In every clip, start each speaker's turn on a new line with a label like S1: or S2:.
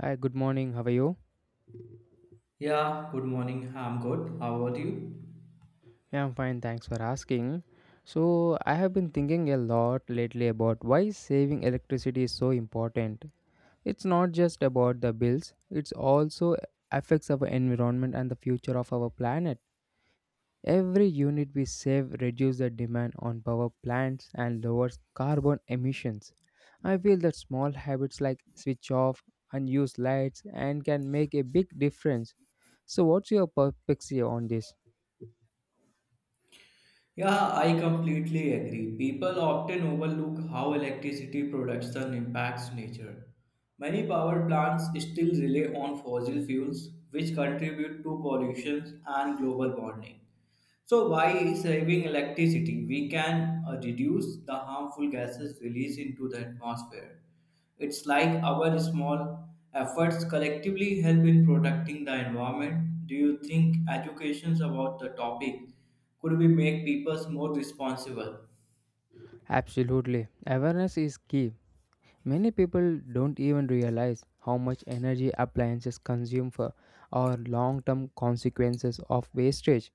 S1: Hi, good morning. How are you?
S2: Yeah, good morning. I'm good. How about you?
S1: Yeah, I'm fine. Thanks for asking. So, I have been thinking a lot lately about why saving electricity is so important. It's not just about the bills, it also affects our environment and the future of our planet. Every unit we save reduces the demand on power plants and lowers carbon emissions. I feel that small habits like switch off unused lights and can make a big difference. So what's your perspective on this?
S2: Yeah, I completely agree. People often overlook how electricity production impacts nature. Many power plants still rely on fossil fuels, which contribute to pollution and global warming. So by saving electricity, we can reduce the harmful gases released into the atmosphere. It's like our small efforts collectively help in protecting the environment. Do you think educations about the topic could we make people more responsible?
S1: Absolutely. Awareness is key. Many people don't even realize how much energy appliances consume for or long term consequences of wastage.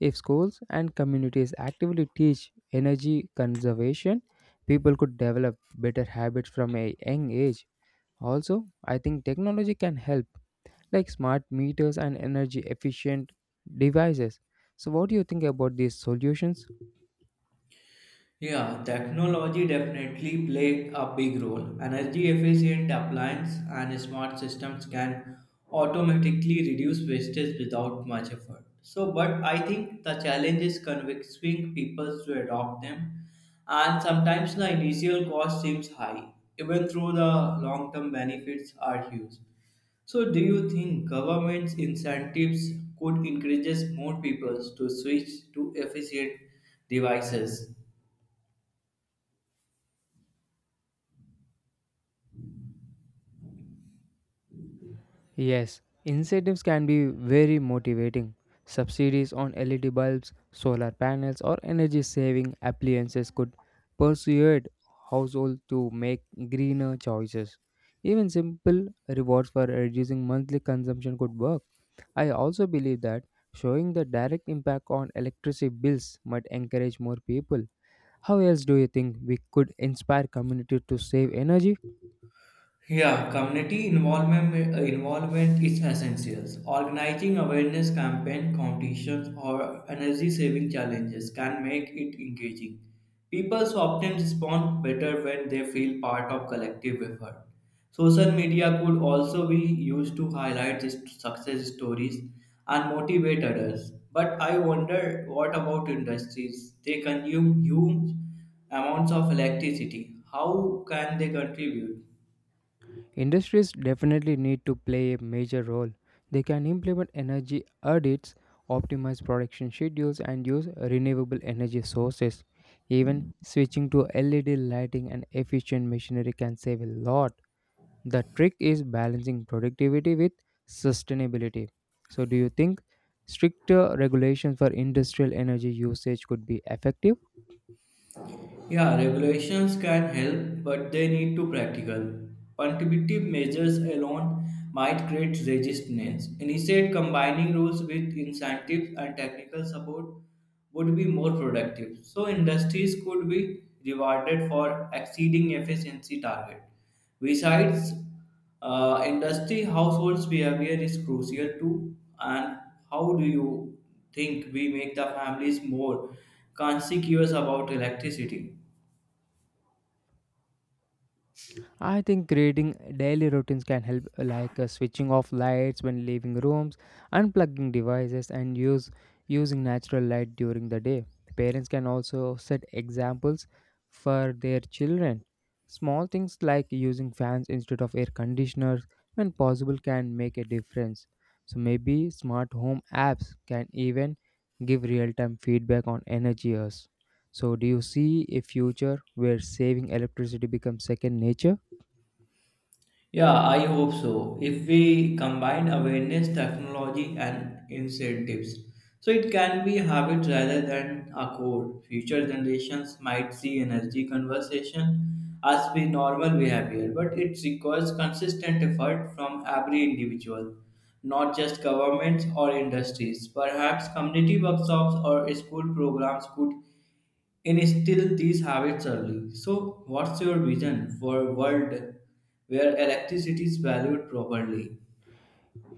S1: If schools and communities actively teach energy conservation, people could develop better habits from a young age. Also, I think technology can help, like smart meters and energy efficient devices. So, what do you think about these solutions?
S2: Yeah, technology definitely play a big role. Energy efficient appliance and smart systems can automatically reduce wastage without much effort. So, but I think the challenge is convincing people to adopt them, and sometimes the initial cost seems high, even though the long term benefits are huge. So, do you think government's incentives could encourage more people to switch to efficient devices?
S1: Yes, incentives can be very motivating. Subsidies on LED bulbs, solar panels, or energy saving appliances could persuade households to make greener choices. Even simple rewards for reducing monthly consumption could work. I also believe that showing the direct impact on electricity bills might encourage more people. How else do you think we could inspire communities to save energy?
S2: Yeah, community involvement is essential. Organizing awareness campaign, competitions, or energy saving challenges can make it engaging. People so often respond better when they feel part of collective effort. Social media could also be used to highlight these success stories and motivate others. But I wonder what about industries? They consume huge amounts of electricity. How can they contribute?
S1: Industries definitely need to play a major role. They can implement energy audits, optimize production schedules, and use renewable energy sources. Even switching to LED lighting and efficient machinery can save a lot. The trick is balancing productivity with sustainability. So, do you think stricter regulations for industrial energy usage could be effective?
S2: Yeah, regulations can help, but they need to practical. Punitive measures alone might create resistance. Instead, combining rules with incentives and technical support would be more productive. So industries could be rewarded for exceeding efficiency target. Besides, industry households behavior is crucial too. And how do you think we make the families more conscious about electricity?
S1: I think creating daily routines can help, like switching off lights when leaving rooms, unplugging devices, and use using natural light during the day. Parents can also set examples for their children. Small things like using fans instead of air conditioners when possible can make a difference. So maybe smart home apps can even give real-time feedback on energy use. So, do you see a future where saving electricity becomes second nature?
S2: Yeah, I hope so. If we combine awareness, technology, and incentives, so it can be habit rather than a code. Future generations might see energy conversation as be normal behavior, but it requires consistent effort from every individual, not just governments or industries. Perhaps community workshops or school programs could instill these habits early. So, what's your vision for a world where electricity is valued properly?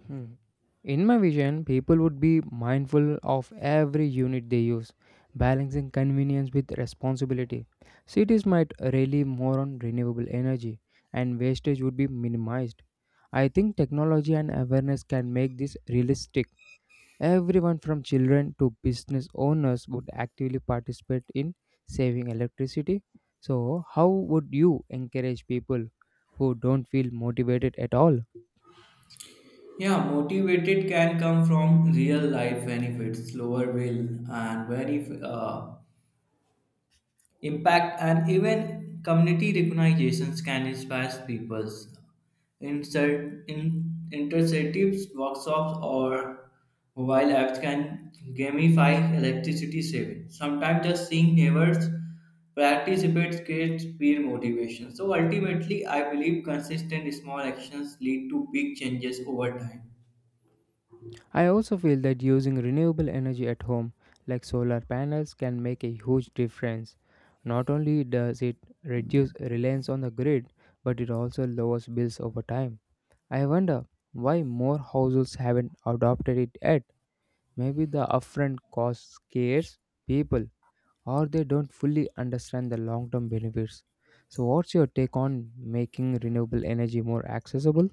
S1: Hmm. In my vision, people would be mindful of every unit they use, balancing convenience with responsibility. Cities might rely more on renewable energy, and wastage would be minimized. I think technology and awareness can make this realistic. Everyone from children to business owners would actively participate in saving electricity. So, how would you encourage people who don't feel motivated at all?
S2: Yeah, motivated can come from real life benefits, lower bill, and very Impact and even community recognitions can inspire people. Insert in interceptives, workshops, or mobile apps can gamify electricity saving. Sometimes just seeing neighbors participate creates peer motivation. So ultimately, I believe consistent small actions lead to big changes over time.
S1: I also feel that using renewable energy at home, like solar panels, can make a huge difference. Not only does it reduce reliance on the grid, but it also lowers bills over time. I wonder why more households haven't adopted it yet. Maybe the upfront cost scares people, or they don't fully understand the long term benefits. So, what's your take on making renewable energy more accessible?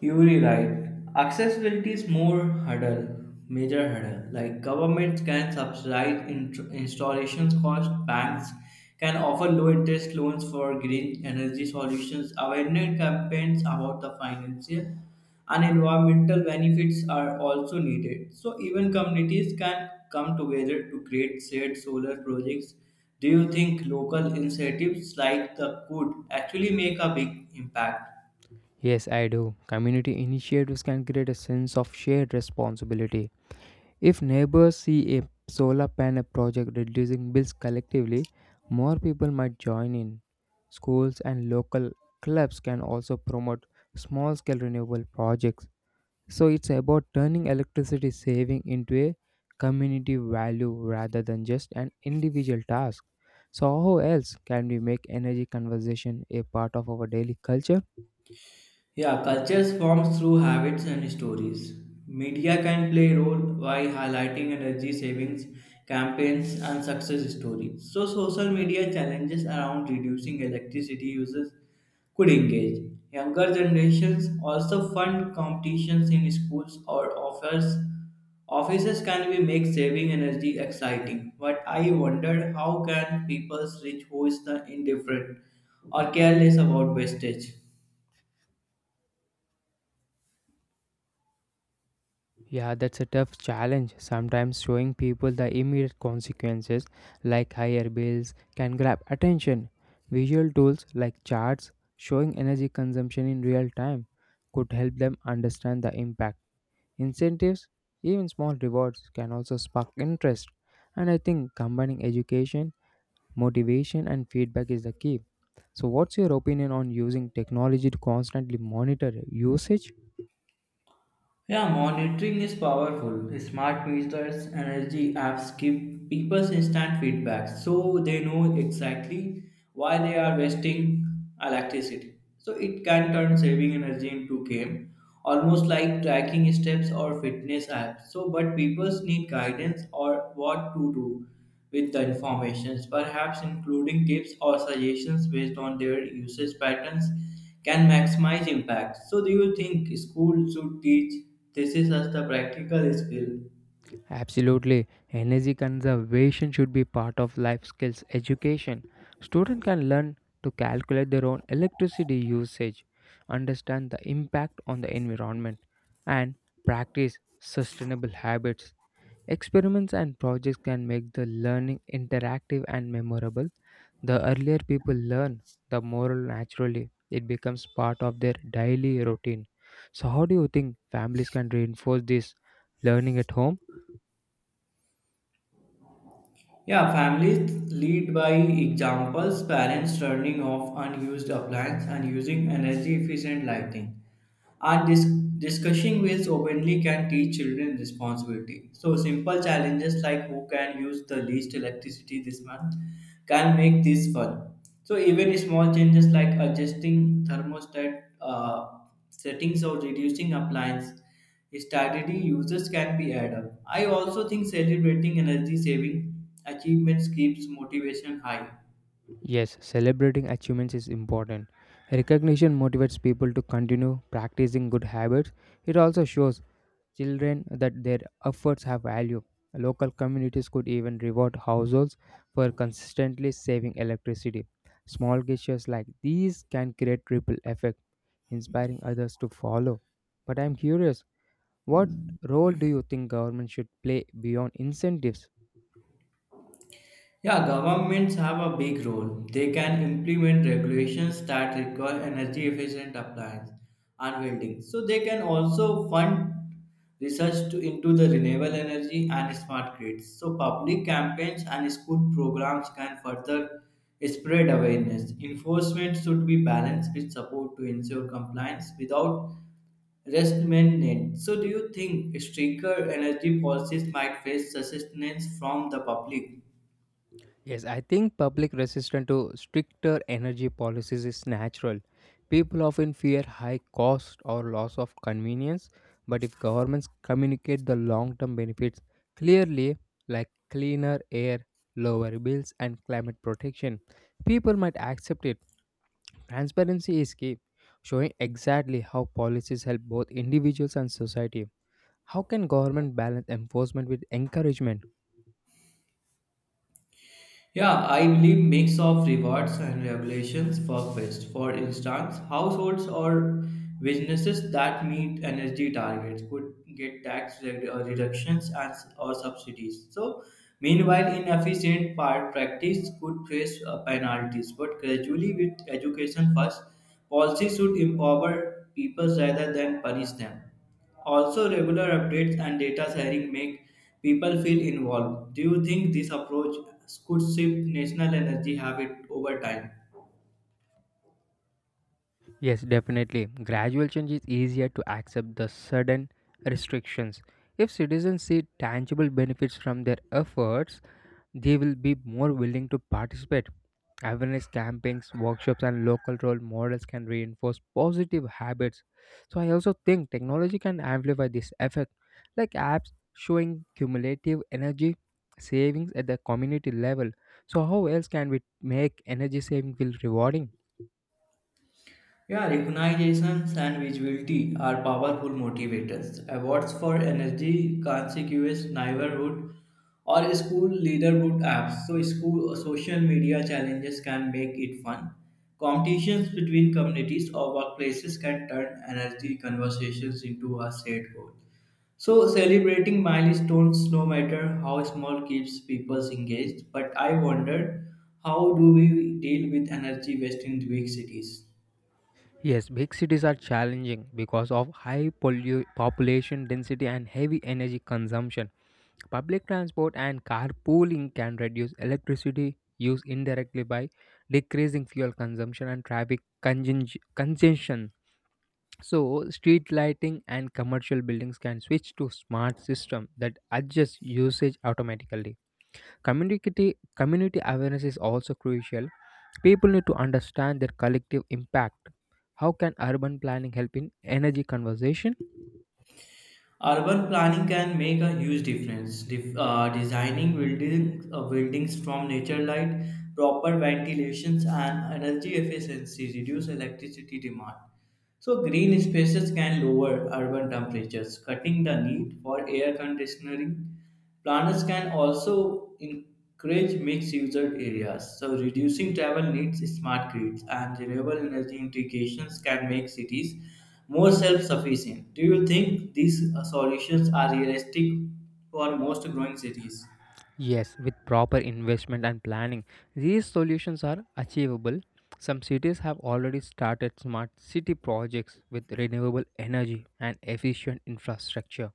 S2: You're right. Accessibility is more hurdle, major hurdle. Like governments can subsidize installations cost, banks can offer low interest loans for green energy solutions. Awareness campaigns about the financial and environmental benefits are also needed. So even communities can come together to create shared solar projects. Do you think local incentives like the could actually make a big impact?
S1: Yes, I do. Community initiatives can create a sense of shared responsibility. If neighbors see a solar panel project reducing bills collectively, more people might join in. Schools and local clubs can also promote small scale renewable projects. So it's about turning electricity saving into a community value rather than just an individual task. So how else can we make energy conservation a part of our daily culture?
S2: Yeah, cultures form through habits and stories. Media can play a role by highlighting energy savings campaigns and success stories. So social media challenges around reducing electricity uses could engage. Younger generations also fund competitions in schools or offers offices can be make saving energy exciting. But I wondered how can people reach who is the indifferent or careless about wastage.
S1: Yeah, that's a tough challenge. Sometimes showing people the immediate consequences, like higher bills, can grab attention. Visual tools like charts showing energy consumption in real time could help them understand the impact. Incentives, even small rewards, can also spark interest. And I think combining education motivation and feedback is the key. So, what's your opinion on using technology to constantly monitor usage?
S2: Yeah, monitoring is powerful. Smart meters, energy apps give people instant feedback so they know exactly why they are wasting electricity. So it can turn saving energy into game, almost like tracking steps or fitness apps. So but people need guidance or what to do with the information, perhaps including tips or suggestions based on their usage patterns can maximize impact. So, do you think school should teach this is as the practical skill?
S1: Absolutely. Energy conservation should be part of life skills education. Students can learn to calculate their own electricity usage, understand the impact on the environment, and practice sustainable habits. Experiments and projects can make the learning interactive and memorable. The earlier people learn, the more naturally it becomes part of their daily routine. So, how do you think families can reinforce this learning at home?
S2: Yeah, families lead by examples, parents turning off unused appliances and using energy efficient lighting. And discussing ways openly can teach children responsibility. So, simple challenges like who can use the least electricity this month can make this fun. So, even small changes like adjusting thermostat settings or reducing appliance strategy uses can be added up. I also think celebrating energy saving achievements keeps motivation high.
S1: Yes, celebrating achievements is important. Recognition motivates people to continue practicing good habits. It also shows children that their efforts have value. Local communities could even reward households for consistently saving electricity. Small gestures like these can create ripple effect, inspiring others to follow. But I'm curious, what role do you think government should play beyond incentives?
S2: Yeah, governments have a big role. They can implement regulations that require energy efficient appliance and building. So they can also fund research to, into the renewable energy and smart grids. So public campaigns and school programs can further spread awareness. Enforcement should be balanced with support to ensure compliance without restment. So do you think stricter energy policies might face resistance from the public?
S1: Yes, I think public resistance to stricter energy policies is natural. People often fear high cost or loss of convenience, but if governments communicate the long-term benefits clearly, like cleaner air, lower bills, and climate protection, people might accept it. Transparency is key, showing exactly how policies help both individuals and society. How can government balance enforcement with encouragement?
S2: Yeah, I believe mix of rewards and regulations work best. For instance, households or businesses that meet energy targets could get tax reductions and or subsidies. So, meanwhile, inefficient part practice could face penalties. But gradually, with education first, policies should empower people rather than punish them. Also, regular updates and data sharing make people feel involved. Do you think this approach could shift national energy habit over time?
S1: Yes, definitely. Gradual change is easier to accept than sudden restrictions. If citizens see tangible benefits from their efforts, they will be more willing to participate. Awareness campaigns, workshops, and local role models can reinforce positive habits. So, I also think technology can amplify this effect, like apps showing cumulative energy savings at the community level. So, how else can we make energy saving feel rewarding?
S2: Yeah, recognitions and visibility are powerful motivators. Awards for energy, conspicuous neighborhood, or school leaderboard apps. So, school social media challenges can make it fun. Competitions between communities or workplaces can turn energy conversations into a shared goal. So, celebrating milestones, no matter how small, keeps people engaged. But I wondered, how do we deal with energy waste in big cities?
S1: Yes, big cities are challenging because of high population density and heavy energy consumption. Public transport and carpooling can reduce electricity use indirectly by decreasing fuel consumption and traffic congestion. So, street lighting and commercial buildings can switch to smart system that adjust usage automatically. Community awareness is also crucial. People need to understand their collective impact. How can urban planning help in energy conservation?
S2: Urban planning can make a huge difference. Designing buildings from nature light, proper ventilations, and energy efficiency reduce electricity demand. So, green spaces can lower urban temperatures, cutting the need for air conditioning. Planners can also encourage mixed user areas, so reducing travel needs, smart grids, and renewable energy integrations can make cities more self sufficient. Do you think these solutions are realistic for most growing cities?
S1: Yes, with proper investment and planning, these solutions are achievable. Some cities have already started smart city projects with renewable energy and efficient infrastructure.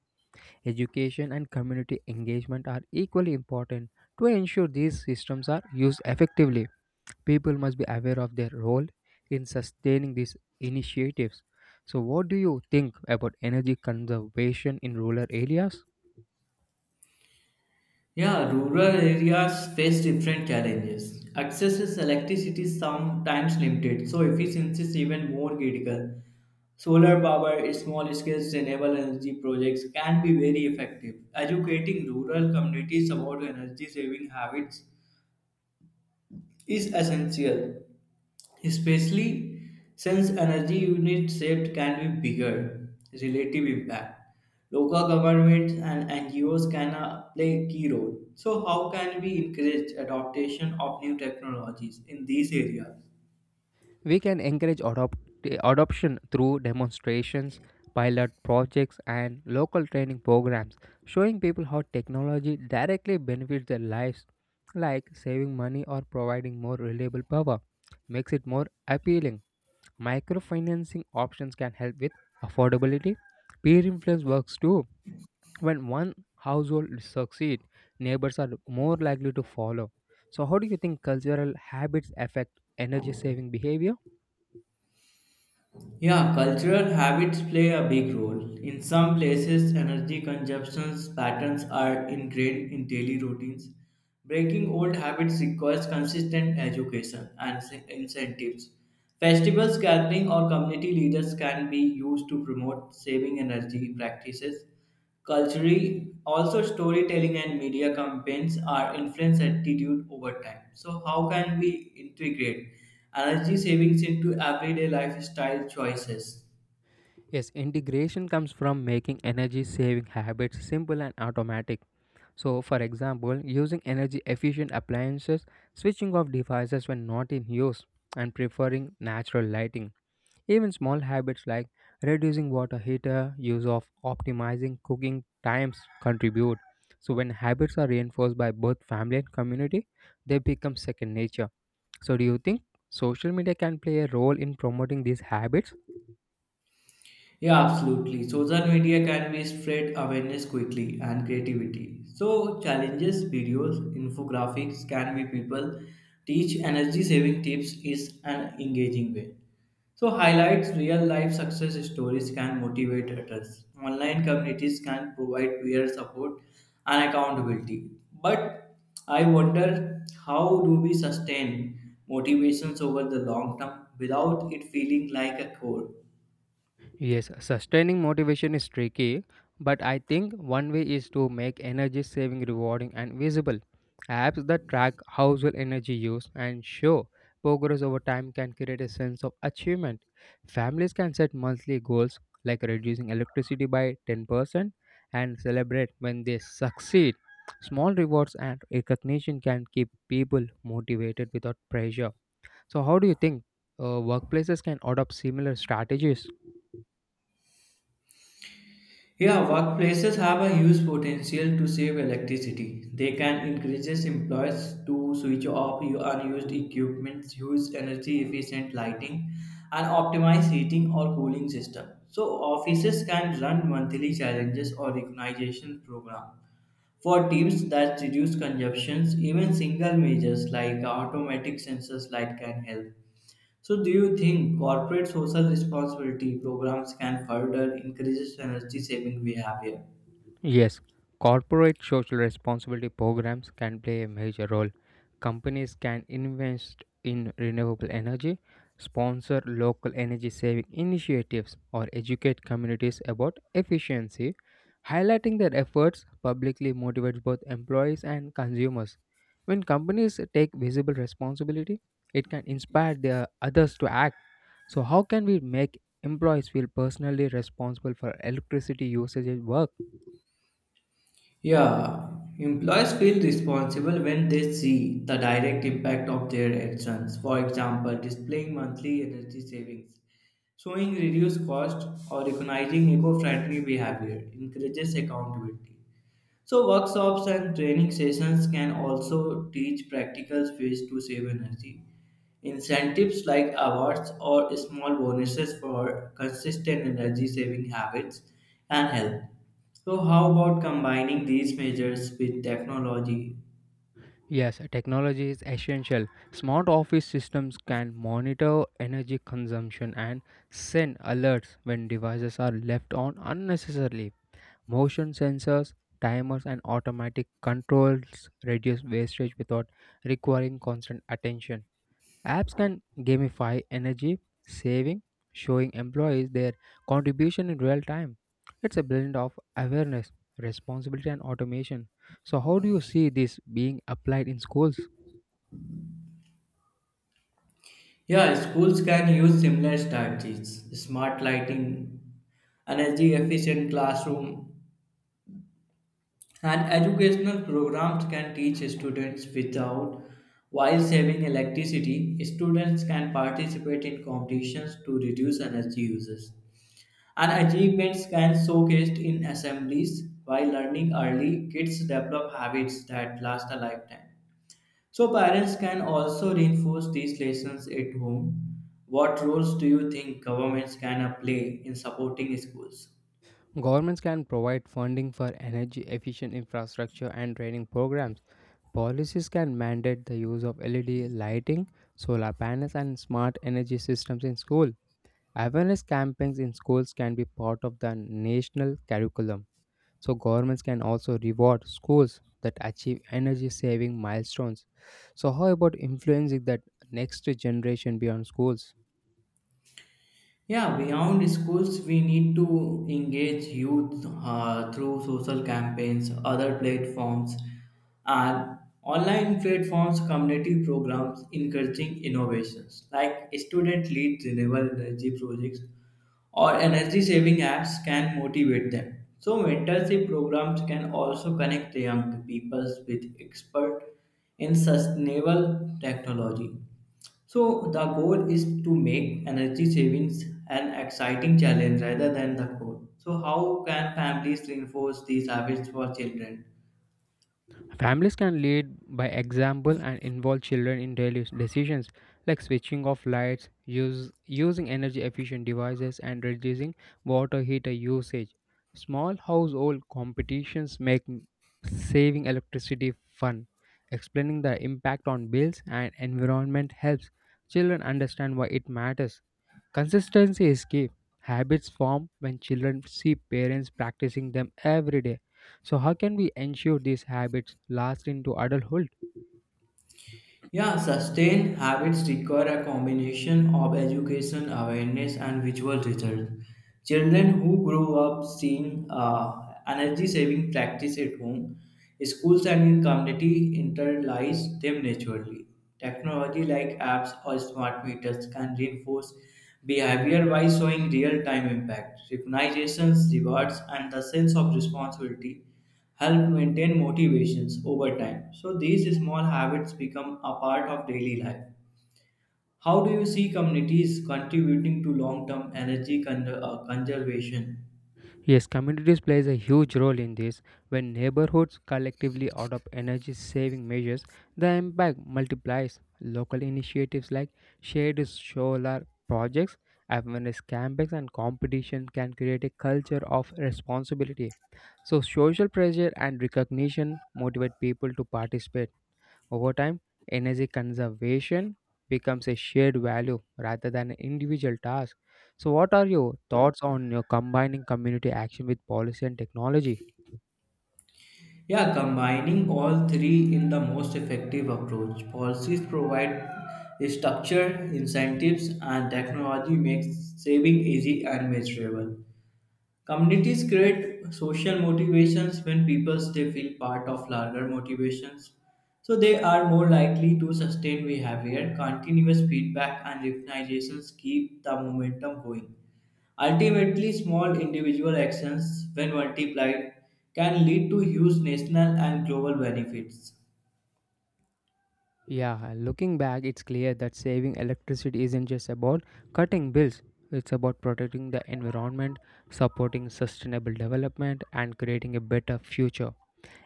S1: Education and community engagement are equally important to ensure these systems are used effectively. People must be aware of their role in sustaining these initiatives. So, what do you think about energy conservation in rural areas?
S2: Yeah, rural areas face different challenges. Access to electricity is sometimes limited, so efficiency is even more critical. Solar power, small scale sustainable energy projects can be very effective. Educating rural communities about energy saving habits is essential, especially since energy unit saved can be bigger relative impact. Local governments and NGOs can play a key role. So, how can we encourage adaptation of new technologies in these areas?
S1: We can encourage adoption through demonstrations, pilot projects, and local training programs, showing people how technology directly benefits their lives, like saving money or providing more reliable power, makes it more appealing. Microfinancing options can help with affordability. Peer influence works too. When one household succeeds, neighbors are more likely to follow. So, how do you think cultural habits affect energy saving behavior?
S2: Yeah, cultural habits play a big role. In some places, energy consumption patterns are ingrained in daily routines. Breaking old habits requires consistent education and incentives. Festivals, gathering, or community leaders can be used to promote saving energy practices. Culturally, also storytelling and media campaigns are influence attitude over time. So how can we integrate energy savings into everyday lifestyle choices?
S1: Yes, integration comes from making energy saving habits simple and automatic. So, for example, using energy efficient appliances, switching off devices when not in use, and preferring natural lighting. Even small habits like reducing water heater use of optimizing cooking times contribute. So when habits are reinforced by both family and community, they become second nature. So do you think social media can play a role in promoting these habits?
S2: Yeah, absolutely. Social media can be spread awareness quickly and creativity. So challenges, videos, infographics can be people teach energy saving tips is an engaging way. So highlights real life success stories can motivate others. Online communities can provide peer support and accountability. But I wonder how do we sustain motivations over the long term without it feeling like a chore?
S1: Yes, sustaining motivation is tricky, but I think one way is to make energy saving rewarding and visible. Apps that track household energy use and show progress over time can create a sense of achievement. Families can set monthly goals like reducing electricity by 10% and celebrate when they succeed. Small rewards and recognition can keep people motivated without pressure. So, how do you think workplaces can adopt similar strategies?
S2: Yeah, workplaces have a huge potential to save electricity. They can encourage employees to switch off unused equipment, use energy efficient lighting, and optimize heating or cooling system. So offices can run monthly challenges or recognition program for tips that reduce consumptions, even single measures like automatic sensors light can help. So, do you think corporate social responsibility programs can further increase energy saving behavior?
S1: Yes, corporate social responsibility programs can play a major role. Companies can invest in renewable energy, sponsor local energy saving initiatives, or educate communities about efficiency. Highlighting their efforts publicly motivates both employees and consumers. When companies take visible responsibility, it can inspire their others to act. So, how can we make employees feel personally responsible for electricity usage at work?
S2: Yeah, employees feel responsible when they see the direct impact of their actions. For example, displaying monthly energy savings, showing reduced cost, or recognizing eco friendly behavior encourages accountability. So, workshops and training sessions can also teach practical ways to save energy. Incentives like awards or small bonuses for consistent energy saving habits and health. So, how about combining these measures with technology?
S1: Yes, technology is essential. Smart office systems can monitor energy consumption and send alerts when devices are left on unnecessarily. Motion sensors, timers, and automatic controls reduce wastage without requiring constant attention. Apps can gamify energy saving, showing employees their contribution in real time. It's a blend of awareness, responsibility, and automation. So, how do you see this being applied in schools?
S2: Yeah, schools can use similar strategies, smart lighting, energy efficient classroom and educational programs can teach students without, while saving electricity, students can participate in competitions to reduce energy uses. And achievements can showcased in assemblies. While learning early, kids develop habits that last a lifetime. So parents can also reinforce these lessons at home. What roles do you think governments can play in supporting schools?
S1: Governments can provide funding for energy efficient infrastructure and training programs. Policies can mandate the use of LED lighting, solar panels, and smart energy systems in school. Awareness campaigns in schools can be part of the national curriculum. So, governments can also reward schools that achieve energy saving milestones. So, how about influencing that next generation beyond schools?
S2: Yeah, beyond schools, we need to engage youth through social campaigns, other platforms, and online platforms, community programs encouraging innovations like student led renewable energy projects or energy saving apps can motivate them. So, mentorship programs can also connect the young people with experts in sustainable technology. So the goal is to make energy savings an exciting challenge rather than the goal. So how can families reinforce these habits for children?
S1: Families can lead by example and involve children in daily decisions like switching off lights, using energy efficient devices, and reducing water heater usage. Small household competitions make saving electricity fun. Explaining the impact on bills and environment helps children understand why it matters. Consistency is key. Habits form when children see parents practicing them every day. So, how can we ensure these habits last into adulthood?
S2: Yeah, sustained habits require a combination of education, awareness, and visual results. Children who grow up seeing energy saving practice at home, schools, and in community internalize them naturally. Technology like apps or smart meters can reinforce behavior by showing real time impact, recognitions, rewards, and the sense of responsibility help maintain motivations over time. So these small habits become a part of daily life. How do you see communities contributing to long-term conservation?
S1: Yes, communities plays a huge role in this. When neighborhoods collectively adopt energy saving measures, the impact multiplies. Local initiatives like shared solar projects, awareness campaigns and competition can create a culture of responsibility. So social pressure and recognition motivate people to participate. Over time, energy conservation becomes a shared value rather than an individual task. So, what are your thoughts on your combining community action with policy and technology?
S2: Yeah, combining all three in the most effective approach. Policies provide structure, incentives, and technology makes saving easy and measurable. Communities create social motivations when people they feel part of larger motivations. So they are more likely to sustain behavior, continuous feedback and recognitions keep the momentum going. Ultimately, small individual actions, when multiplied, can lead to huge national and global benefits.
S1: Yeah, looking back, it's clear that saving electricity isn't just about cutting bills. It's about protecting the environment, supporting sustainable development, and creating a better future.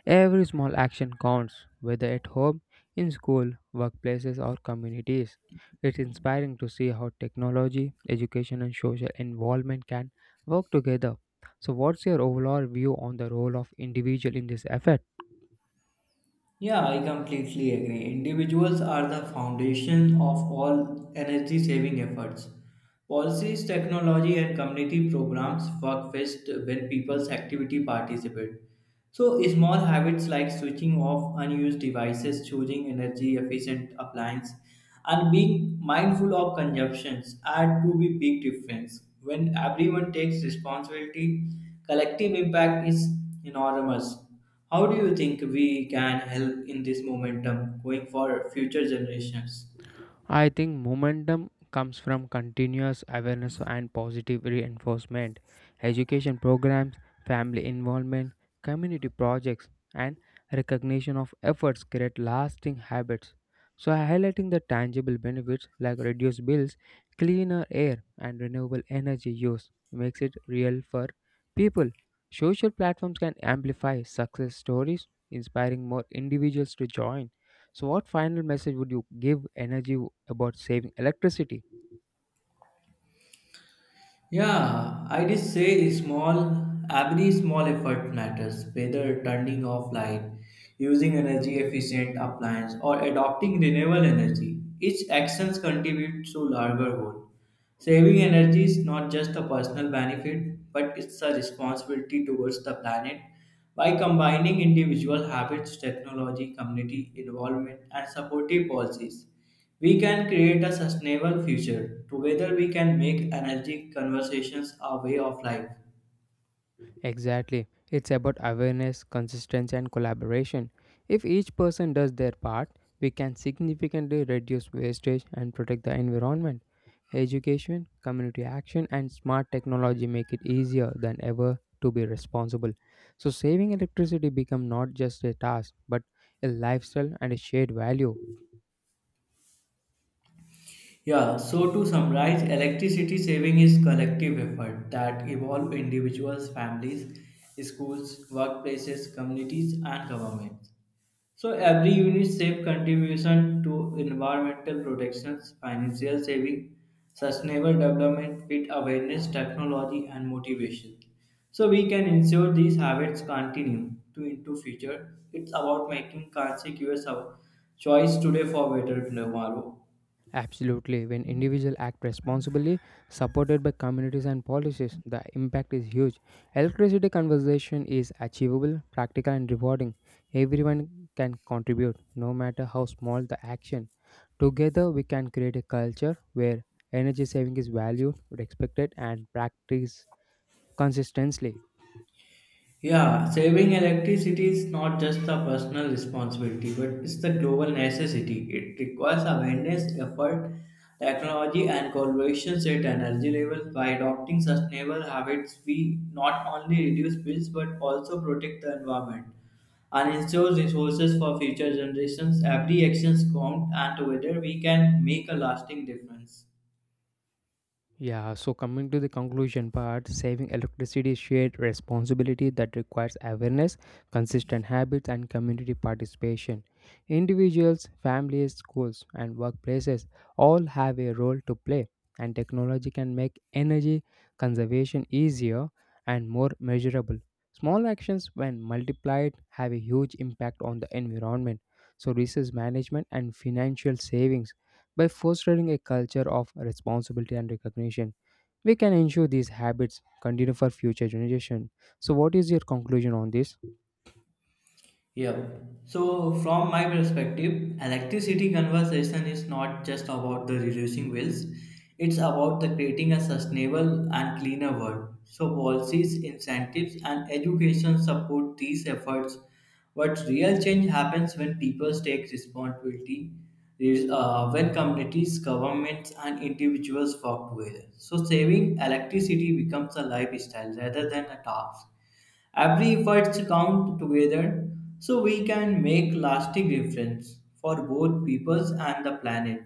S1: Every small action counts, whether at home, in school, workplaces, or communities. It's inspiring to see how technology, education, and social involvement can work together. So, what's your overall view on the role of individual in this effort?
S2: Yeah, I completely agree. Individuals are the foundation of all energy saving efforts. Policies, technology, and community programs work best when people's activity participate. So, small habits like switching off unused devices, choosing energy efficient appliances, and being mindful of consumptions add to be big difference. When everyone takes responsibility, collective impact is enormous. How do you think we can help in this momentum going for future generations?
S1: I think momentum comes from continuous awareness and positive reinforcement. Education programs, family involvement, community projects, and recognition of efforts create lasting habits. So, highlighting the tangible benefits like reduced bills, cleaner air, and renewable energy use makes it real for people. Social platforms can amplify success stories, inspiring more individuals to join. So, what final message would you give energy about saving electricity?
S2: Yeah, I just say small, every small effort matters, whether turning off light, using energy efficient appliance, or adopting renewable energy. Each actions contributes to larger whole. Saving energy is not just a personal benefit, but it's a responsibility towards the planet. By combining individual habits, technology, community involvement, and supportive policies. We can create a sustainable future. Together, we can make energy conversations a way of life.
S1: Exactly. It's about awareness, consistency, and collaboration. If each person does their part, we can significantly reduce wastage and protect the environment. Education, community action, and smart technology make it easier than ever to be responsible. So, saving electricity become not just a task, but a lifestyle and a shared value.
S2: Yeah, so to summarize, electricity saving is collective effort that involve individuals, families, schools, workplaces, communities and governments. So every unit safe contribution to environmental protections, financial saving, sustainable development with awareness, technology and motivation. So we can ensure these habits continue to into future. It's about making consecutive choice today for better tomorrow.
S1: Absolutely. When individuals act responsibly, supported by communities and policies, the impact is huge. Electricity conservation is achievable, practical, and rewarding. Everyone can contribute, no matter how small the action. Together, we can create a culture where energy saving is valued, respected, and practiced consistently.
S2: Yeah, saving electricity is not just a personal responsibility, but it's the global necessity. It requires awareness, effort, technology, and collaboration at energy levels. By adopting sustainable habits, we not only reduce bills but also protect the environment and ensure resources for future generations. Every action counts, and together we can make a lasting difference.
S1: Yeah, so coming to the conclusion part, saving electricity is shared responsibility that requires awareness, consistent habits, and community participation. Individuals, families, schools, and workplaces all have a role to play, and technology can make energy conservation easier and more measurable. Small actions, when multiplied, have a huge impact on the environment. So, resource management and financial savings by fostering a culture of responsibility and recognition, we can ensure these habits continue for future generations. So, what is your conclusion on this?
S2: Yeah, so from my perspective, electricity conversation is not just about the reducing bills; it's about the creating a sustainable and cleaner world. So, policies, incentives, and education support these efforts. But real change happens when people take responsibility, when communities, governments, and individuals work together. So, saving electricity becomes a lifestyle rather than a task. Every efforts count together so we can make lasting difference for both peoples and the planet.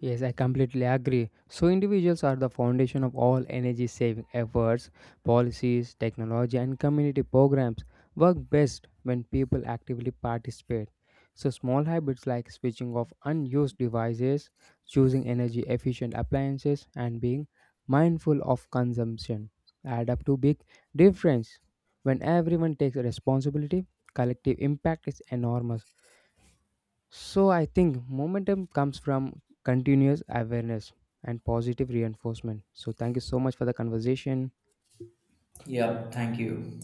S1: Yes, I completely agree. So, individuals are the foundation of all energy saving efforts, policies, technology, and community programs work best when people actively participate. So, small habits like switching off unused devices, choosing energy efficient appliances, and being mindful of consumption add up to big difference. When everyone takes responsibility, collective impact is enormous. So I think momentum comes from continuous awareness and positive reinforcement. So thank you so much for the conversation.
S2: Yep, thank you.